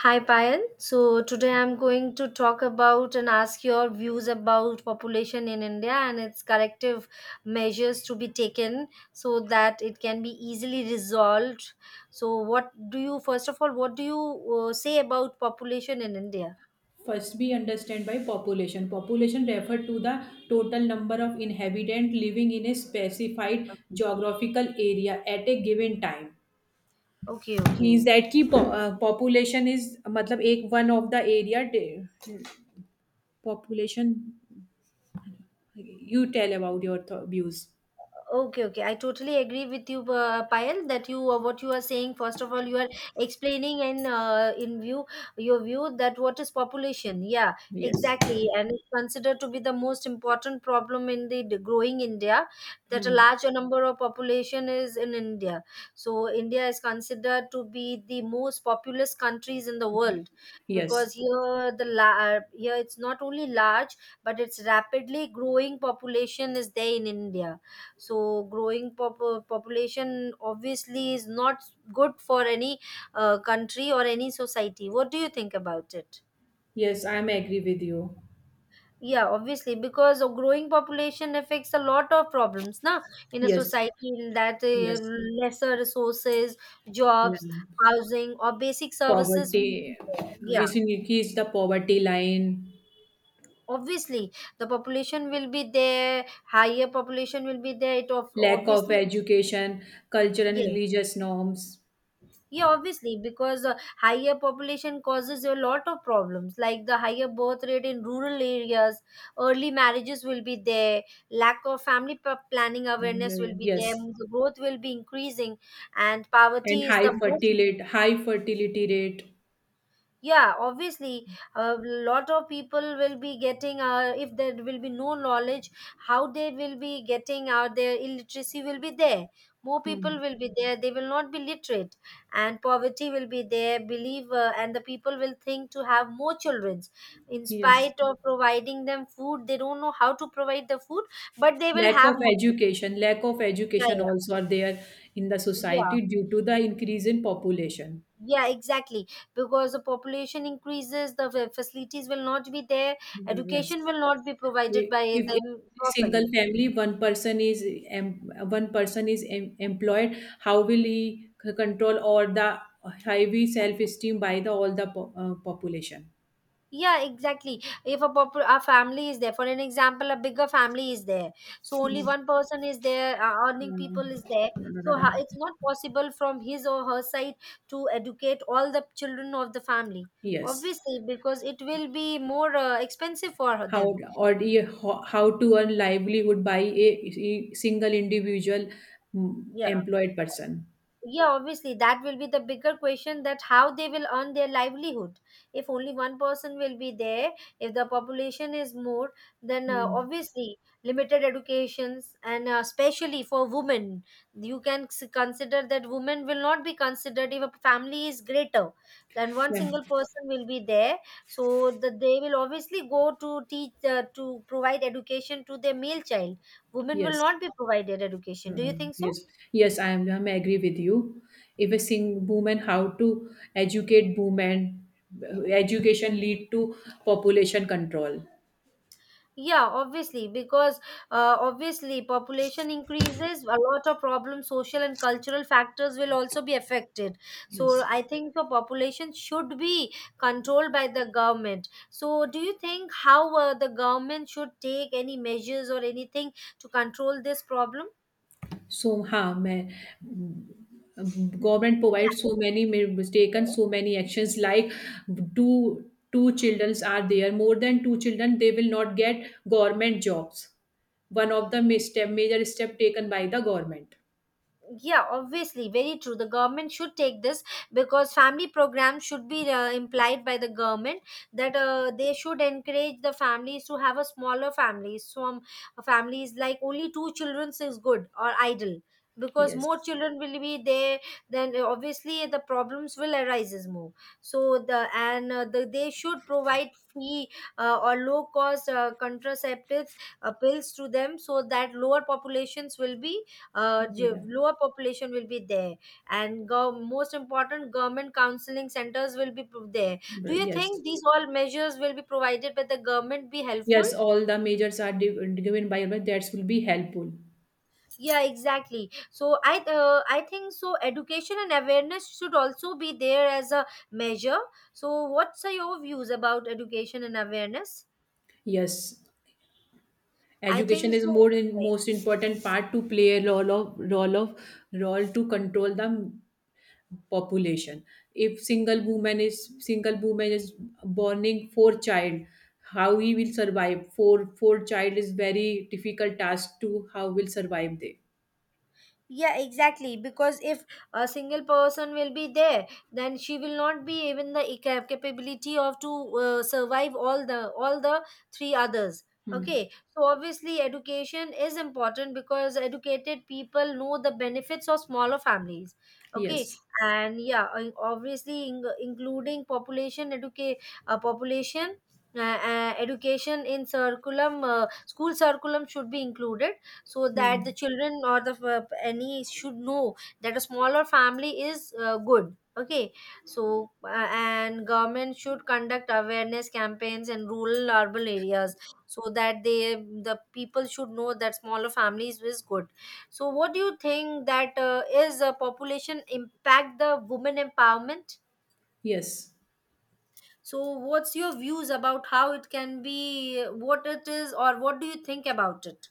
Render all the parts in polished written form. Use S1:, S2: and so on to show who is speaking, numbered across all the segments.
S1: Hi Payal. So today I'm going to talk about and ask your views about population in India and its corrective measures to be taken so that it can be easily resolved. So what do you first of all what do you say about population in India?
S2: First be understand by population. Population refer to the total number of inhabitant living in a specified
S1: Okay.
S2: geographical area at a given time.
S1: Okay,
S2: Means
S1: okay.
S2: that की population is मतलब एक one of the area de- population. You tell about your views.
S1: Okay, okay. I totally agree with you, Payal, that you what you are saying. First of all, you are explaining and in view your view that what is population? Yeah,
S2: Yes.
S1: exactly, and it's considered to be the most important problem in the growing India. That a
S2: Hmm.
S1: larger number of population is in India. So India is considered to be the most populous countries in the world because
S2: Yes.
S1: here it's not only large but it's rapidly growing population is there in India, so growing population obviously is not good for any country or any society. What do you think about it?
S2: Yes, I am agree with you.
S1: Yeah, obviously, because a growing population affects a lot of problems na, in a
S2: Yes.
S1: society, in that
S2: Yes.
S1: lesser resources,
S2: Yeah.
S1: jobs, housing or basic services will be
S2: Poverty
S1: there. Yeah,
S2: is in, is the poverty line.
S1: obviously the population will be there, higher population will be there, it of
S2: Lack of
S1: obviously.
S2: education, cultural and
S1: Yes
S2: religious norms.
S1: Yeah, obviously, because higher population causes a lot of problems, like the higher birth rate in rural areas, early marriages will be there, lack of planning awareness will
S2: Uh,
S1: be there,
S2: yes,
S1: the growth will be increasing, and
S2: and
S1: poverty is the most.
S2: high fertility rate.
S1: Yeah, obviously, a lot of people will be getting, if there will be no knowledge how they will be getting out, their illiteracy will be there, more people
S2: Hmm.
S1: will be there, they will not be literate, and poverty will be there, believe and the people will think to have more children. In
S2: Yes,
S1: spite of providing them food, they don't know how to provide the food, but they will have more children.
S2: lack of
S1: yeah
S2: education
S1: yeah
S2: also are there in the
S1: yeah.
S2: society due to the increase in population.
S1: Yeah, exactly. Because the population increases, the facilities will not be there,
S2: Yes,
S1: education will not be provided by
S2: if
S1: them
S2: in a single
S1: properly.
S2: family one person is em, one person is employed, how will he c- control all the high self esteem by the all the population?
S1: Yeah, exactly. If a a family is there, for an example, a bigger family is there, so only one person is there, earning people is there.
S2: Mm.
S1: So it's not possible from his or her side to educate all the children of the family.
S2: Yes.
S1: Obviously, because it will be more expensive for
S2: How
S1: them.
S2: or the- ho- how to earn livelihood by a single individual, mm,
S1: Yeah.
S2: employed person.
S1: Yeah, obviously, that will be the bigger question, that how they will earn their livelihood if only one person will be there, if the population is more, then
S2: Mm.
S1: obviously limited educations, and especially for women. You can consider that women will not be considered if a family is greater than one
S2: Yeah.
S1: single person will be there, so that they will obviously go to teach to provide education to their male child. Women will
S2: Yes.
S1: not be provided education, do you
S2: Mm.
S1: think so?
S2: Yes. Yes, I am. I am agree with you. If a sing woman, how to educate women, education lead to population control.
S1: Yeah, obviously, because obviously population increases, a lot of problems, social and cultural factors will also be affected. So
S2: Yes.
S1: I think the population should be controlled by the government. So do you think how the government should take any measures or anything to control this problem?
S2: सो हाँ मैं government provides so many mi- taken
S1: Yeah.
S2: so many actions like two two children are there, more than two children they will not get government jobs. One of the ma- step, major step taken by the government.
S1: Yeah, obviously, very true, the government should take this, because family programs should be implied by the government, that they should encourage the families to have a smaller family. Some families like only two children is good or ideal, because more
S2: Yes.
S1: children will be there, then obviously the problems will arises more. So the and they should provide free or low cost contraceptives, pills to them, so that lower populations will be,
S2: Yeah.
S1: lower population will be there, and most important, government counseling centers will be there. Do you
S2: Yes,
S1: think these all measures will be provided by the government be helpful?
S2: yes, all the majors are di- given by government, that will be helpful.
S1: Yeah, exactly. So I think so, education and awareness should also be there as a measure. So what's are your views about education and awareness?
S2: Yes,
S1: I think
S2: education is
S1: so.
S2: more in, most important part to play a role of role of role to control the population. If single woman is single woman is borning four child, how he will survive? Four four child is very difficult task to how will survive they.
S1: Yeah, exactly. Because if a single person will be there, then she will not be even the capability of to survive all the three others.
S2: Hmm.
S1: Okay, so obviously education is important because educated people know the benefits of smaller families. Okay,
S2: Yes.
S1: and yeah, obviously including population educate population. Education in curriculum, school curriculum should be included, so that the
S2: Hmm.
S1: children or the any should know that a smaller family is good. Okay, so and government should conduct awareness campaigns in rural urban areas, so that they, the people should know that smaller families is good. So what do you think, that is a population impact the women empowerment?
S2: Yes.
S1: So what's your views about how it can be, what it is, or what do you think about it?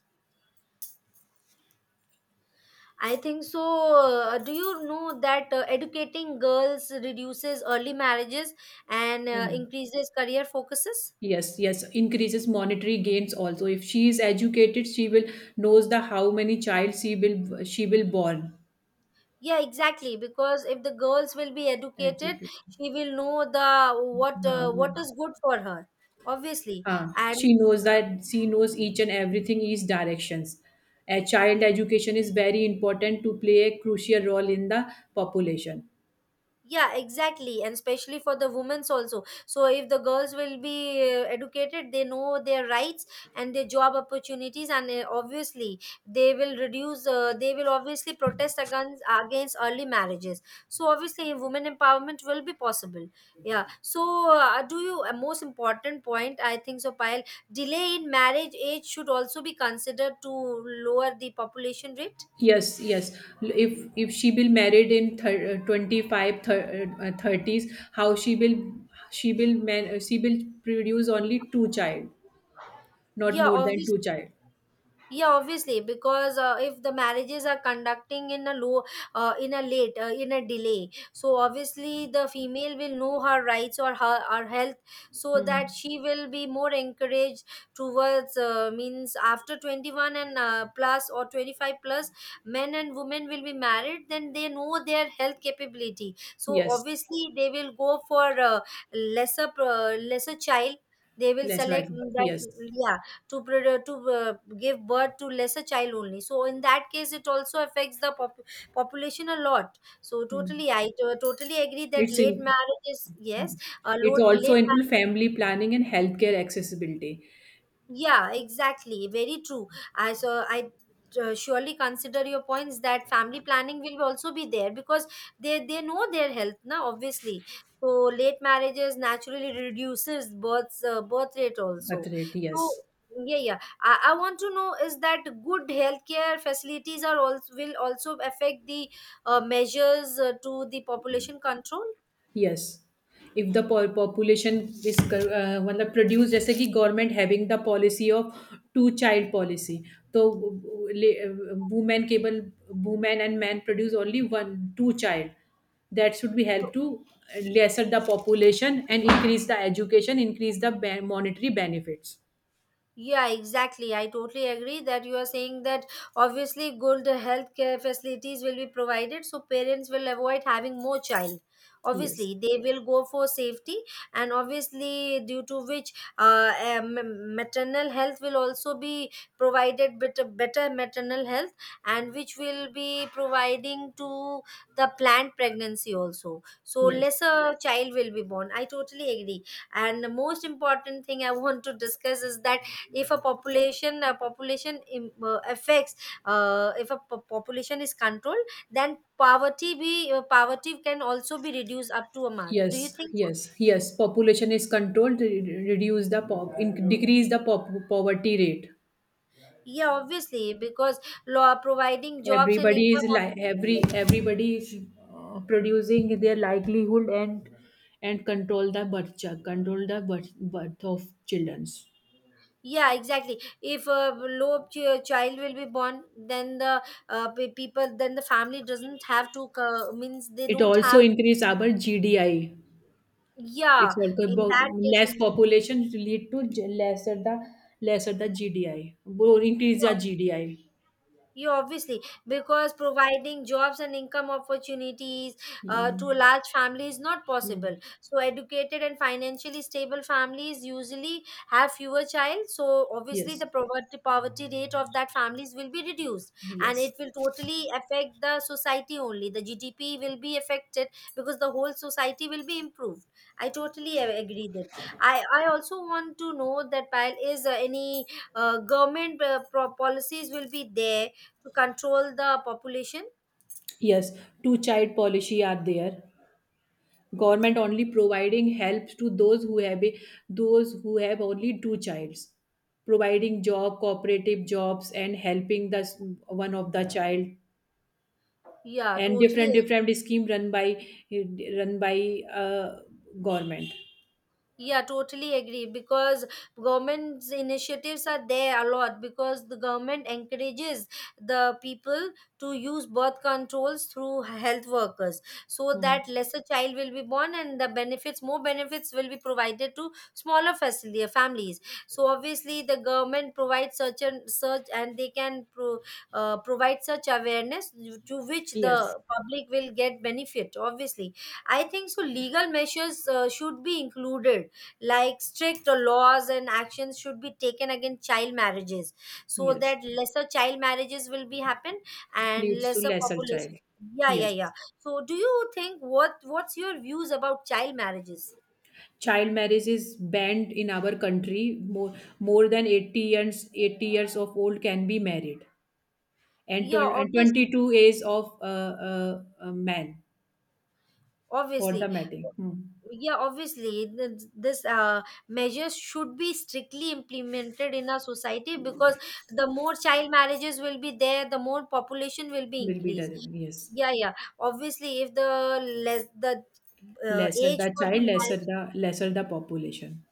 S1: I think so. Do you know that educating girls reduces early marriages and
S2: I know.
S1: increases career focuses?
S2: Yes, yes, increases monetary gains also. If she is educated, she will knows the how many child she will, she will born
S1: Yeah, exactly. Because if the girls will be educated,
S2: education.
S1: she will know the
S2: How
S1: what
S2: many?
S1: is good for her. Obviously,
S2: Huh.
S1: and
S2: She knows that, she knows each and everything is directions. A child education is very important to play a crucial role in the population.
S1: yeah, exactly, and especially for the women's also. So if the girls will be educated, they know their rights and their job opportunities, and obviously they will reduce they will obviously protest against against early marriages. So obviously women empowerment will be possible. Yeah, so do you, a most important point I think so, pile, delay in marriage age should also be considered to lower the population rate.
S2: Yes, yes. If she will married in thir- 25, thir- 30s, how she will, she will man- she will produce only two child, not
S1: Yeah,
S2: more than two
S1: obviously.
S2: child.
S1: Yeah, obviously, because if the marriages are conducting in a low, in a delay, so obviously the female will know her rights or her health, so
S2: Hmm.
S1: that she will be more encouraged towards means after 21 and plus or 25 plus, men and women will be married, then they know their health capability, so
S2: Yes,
S1: obviously they will go for lesser child they will
S2: less right.
S1: select
S2: Yes.
S1: that. Yeah, to give birth to lesser child only, so in that case it also affects the population a lot. So
S2: Hmm.
S1: totally, totally agree that
S2: It's
S1: late
S2: in,
S1: marriages, yes,
S2: it also
S1: late
S2: include
S1: marriage.
S2: family planning and healthcare accessibility.
S1: Yeah, exactly. Very true. I surely consider your points that family planning will also be there, because they know their health now obviously. So late marriages naturally reduces births, birth rate
S2: Birth
S1: also.
S2: rate, yes.
S1: So yeah, yeah, I want to know, is that good healthcare facilities are also will also affect the measures to the population control?
S2: Yes, if the po- population is कर- अ, मतलब produce जैसे कि government having the policy of two child policy, तो women केवल women and man produce only one two child. That should be help to lesser the population and increase the education, increase the ben- monetary benefits.
S1: Yeah, exactly. I totally agree that you are saying that obviously good healthcare facilities will be provided, so parents will avoid having more child.
S2: Yes.
S1: Obviously, they will go for safety, and obviously, due to which maternal health will also be provided better, better maternal health, and which will be providing to the planned pregnancy also. So,
S2: Yes.
S1: lesser child will be born. I totally agree. And the most important thing I want to discuss is that if a population affects, if a po- population is controlled, then poverty can also be reduced up to a mark, do
S2: Yes.
S1: you think so?
S2: Yes. Yes, population is controlled to re- reduce the po- in- decrease the po- poverty rate.
S1: Yeah, obviously, because law providing jobs and
S2: everybody
S1: income.
S2: is like every everybody is producing their livelihood and control the birth ch- control the birth, birth of children.
S1: Yeah, exactly. If a low child will be born, then the people, then the family doesn't have to means they
S2: It
S1: don't
S2: also
S1: have,
S2: increase our gdi.
S1: yeah,
S2: It's also
S1: in
S2: about
S1: that case
S2: less
S1: in.
S2: population. Lead to j- lesser the, lesser the gdi. Bo- increase the
S1: Yeah.
S2: gdi.
S1: You obviously, because providing jobs and income opportunities
S2: Yeah.
S1: to a large family is not
S2: Hmm.
S1: possible. So, educated and financially stable families usually have fewer child. So, obviously,
S2: Yes.
S1: the poverty poverty rate of that families will be reduced, and
S2: Yes.
S1: it will totally affect the society only. The GDP will be affected because the whole society will be improved. I totally agree that. I also want to know that, pile, is any government policies will be there to control the population?
S2: Yes, two child policy are there. Government only providing help to those who have those who have only two childs, providing job, cooperative jobs, and helping the s- one of the, yeah, child.
S1: Yeah,
S2: And
S1: totally.
S2: different different scheme run by run by uh, government.
S1: Yeah, totally agree, because government's initiatives are there a lot, because the government encourages the people to use birth controls through health workers, so
S2: Hmm.
S1: that lesser child will be born, and the benefits more benefits will be provided to smaller facility families. So obviously the government provides such and such, and they can provide such awareness, to which
S2: Yes.
S1: the public will get benefit obviously. I think so. Legal measures should be included, like strict laws and actions should be taken against child marriages, so
S2: Yes,
S1: that lesser child marriages will be happen, and
S2: leads to
S1: lesser
S2: lesser child.
S1: population. yeah yeah
S2: Yes.
S1: yeah So do you think, what, what's your views about child marriages?
S2: Child marriage is banned in our country. more More than 80 years, 80 years of old can be married,
S1: Yeah,
S2: tw- and
S1: obviously.
S2: 22 is of a man for the
S1: Obviously.
S2: mating. Hmm.
S1: Yeah, obviously, this measures should be strictly implemented in our society, because the more child marriages will be there, the more population will be
S2: Will be the,
S1: increased.
S2: yes.
S1: Yeah, yeah. Obviously, if the less the
S2: Lesser
S1: age
S2: the
S1: for the
S2: child, lesser
S1: marriage.
S2: the, lesser the population.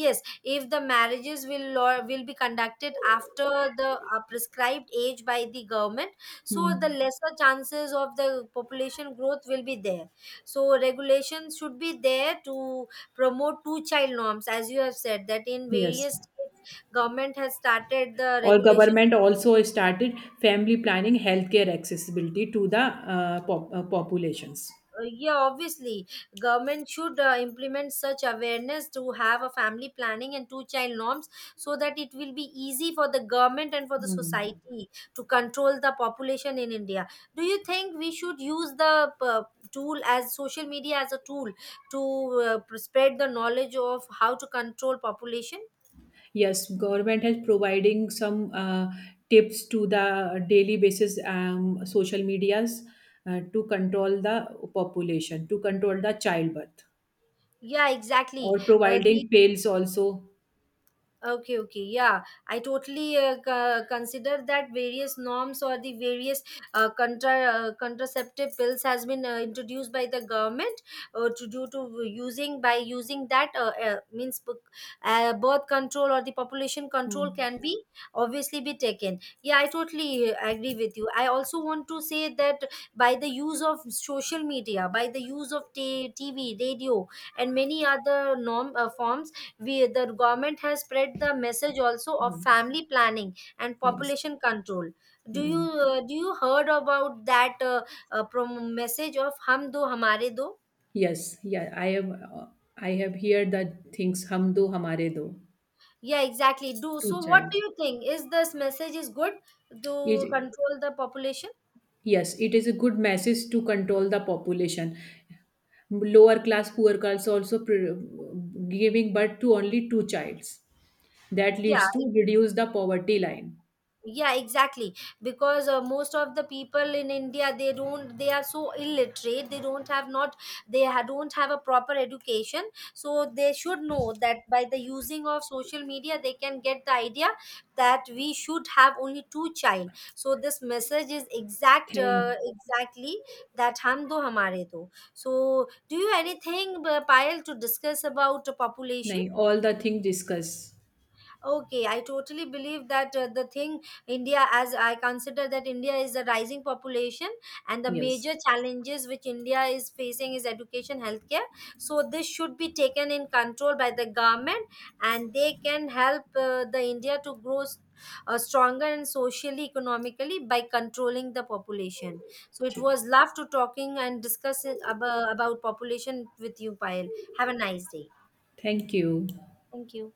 S1: Yes, if the marriages will or will be conducted after the prescribed age by the government, so the
S2: Hmm.
S1: lesser chances of the population growth will be there. So regulations should be there to promote two child norms, as you have said that in
S2: Yes,
S1: various states government has started the
S2: or
S1: regulation.
S2: government also started family planning healthcare accessibility to the pop, populations.
S1: Yeah, obviously, government should implement such awareness to have a family planning and two child norms, so that it will be easy for the government and for the
S2: Hmm.
S1: society to control the population in India. Do you think we should use the uh, tool as social media as a tool to spread the knowledge of how to control population?
S2: Yes, government has providing some tips to the daily basis, social medias, to control the population, to control the childbirth.
S1: Yeah, exactly,
S2: Or
S1: the
S2: providing pills also.
S1: okay, okay, yeah, I totally consider that various norms or the various contraceptive pills has been introduced by the government, to due to using by using that, birth control or the population control
S2: Hmm.
S1: can be obviously be taken. Yeah, I totally agree with you. I also want to say that by the use of social media, by the use of TV, radio, and many other norm forms, we, the government has spread the message also of
S2: Hmm.
S1: family planning and
S2: Yes.
S1: population control. do you
S2: Hmm.
S1: uh, do you heard about that, message of hum do hamare do?
S2: Yes. Yeah. I have. I have heard that things. Hum do hamare do.
S1: Yeah, exactly, do.
S2: Two
S1: So what
S2: child.
S1: do you think, is this message is good to
S2: It,
S1: control the population?
S2: yes, it is a good message to control the population. Lower class poor girls also pre- giving birth to only two childs. That
S1: Yeah,
S2: leads to reduce the poverty line.
S1: yeah, exactly, because most of the people in India, they don't, they are so illiterate, they don't have not, they don't have a proper education, so they should know that by the using of social media they can get the idea that we should have only two child. So this message is
S2: Thank.
S1: exactly that hum do hamare do. So do you anything, Payal, to discuss about the population?
S2: Nahin, all the things discussed.
S1: Okay, I totally believe that the thing, India, as I consider that India is a rising population, and the
S2: Yes.
S1: major challenges which India is facing is education, healthcare. So this should be taken in control by the government, and they can help the India to grow stronger and socially, economically by controlling the population. So it
S2: ठीक.
S1: was love to talking and discussing about population with you, Payal. Have a nice day.
S2: Thank you.
S1: Thank you.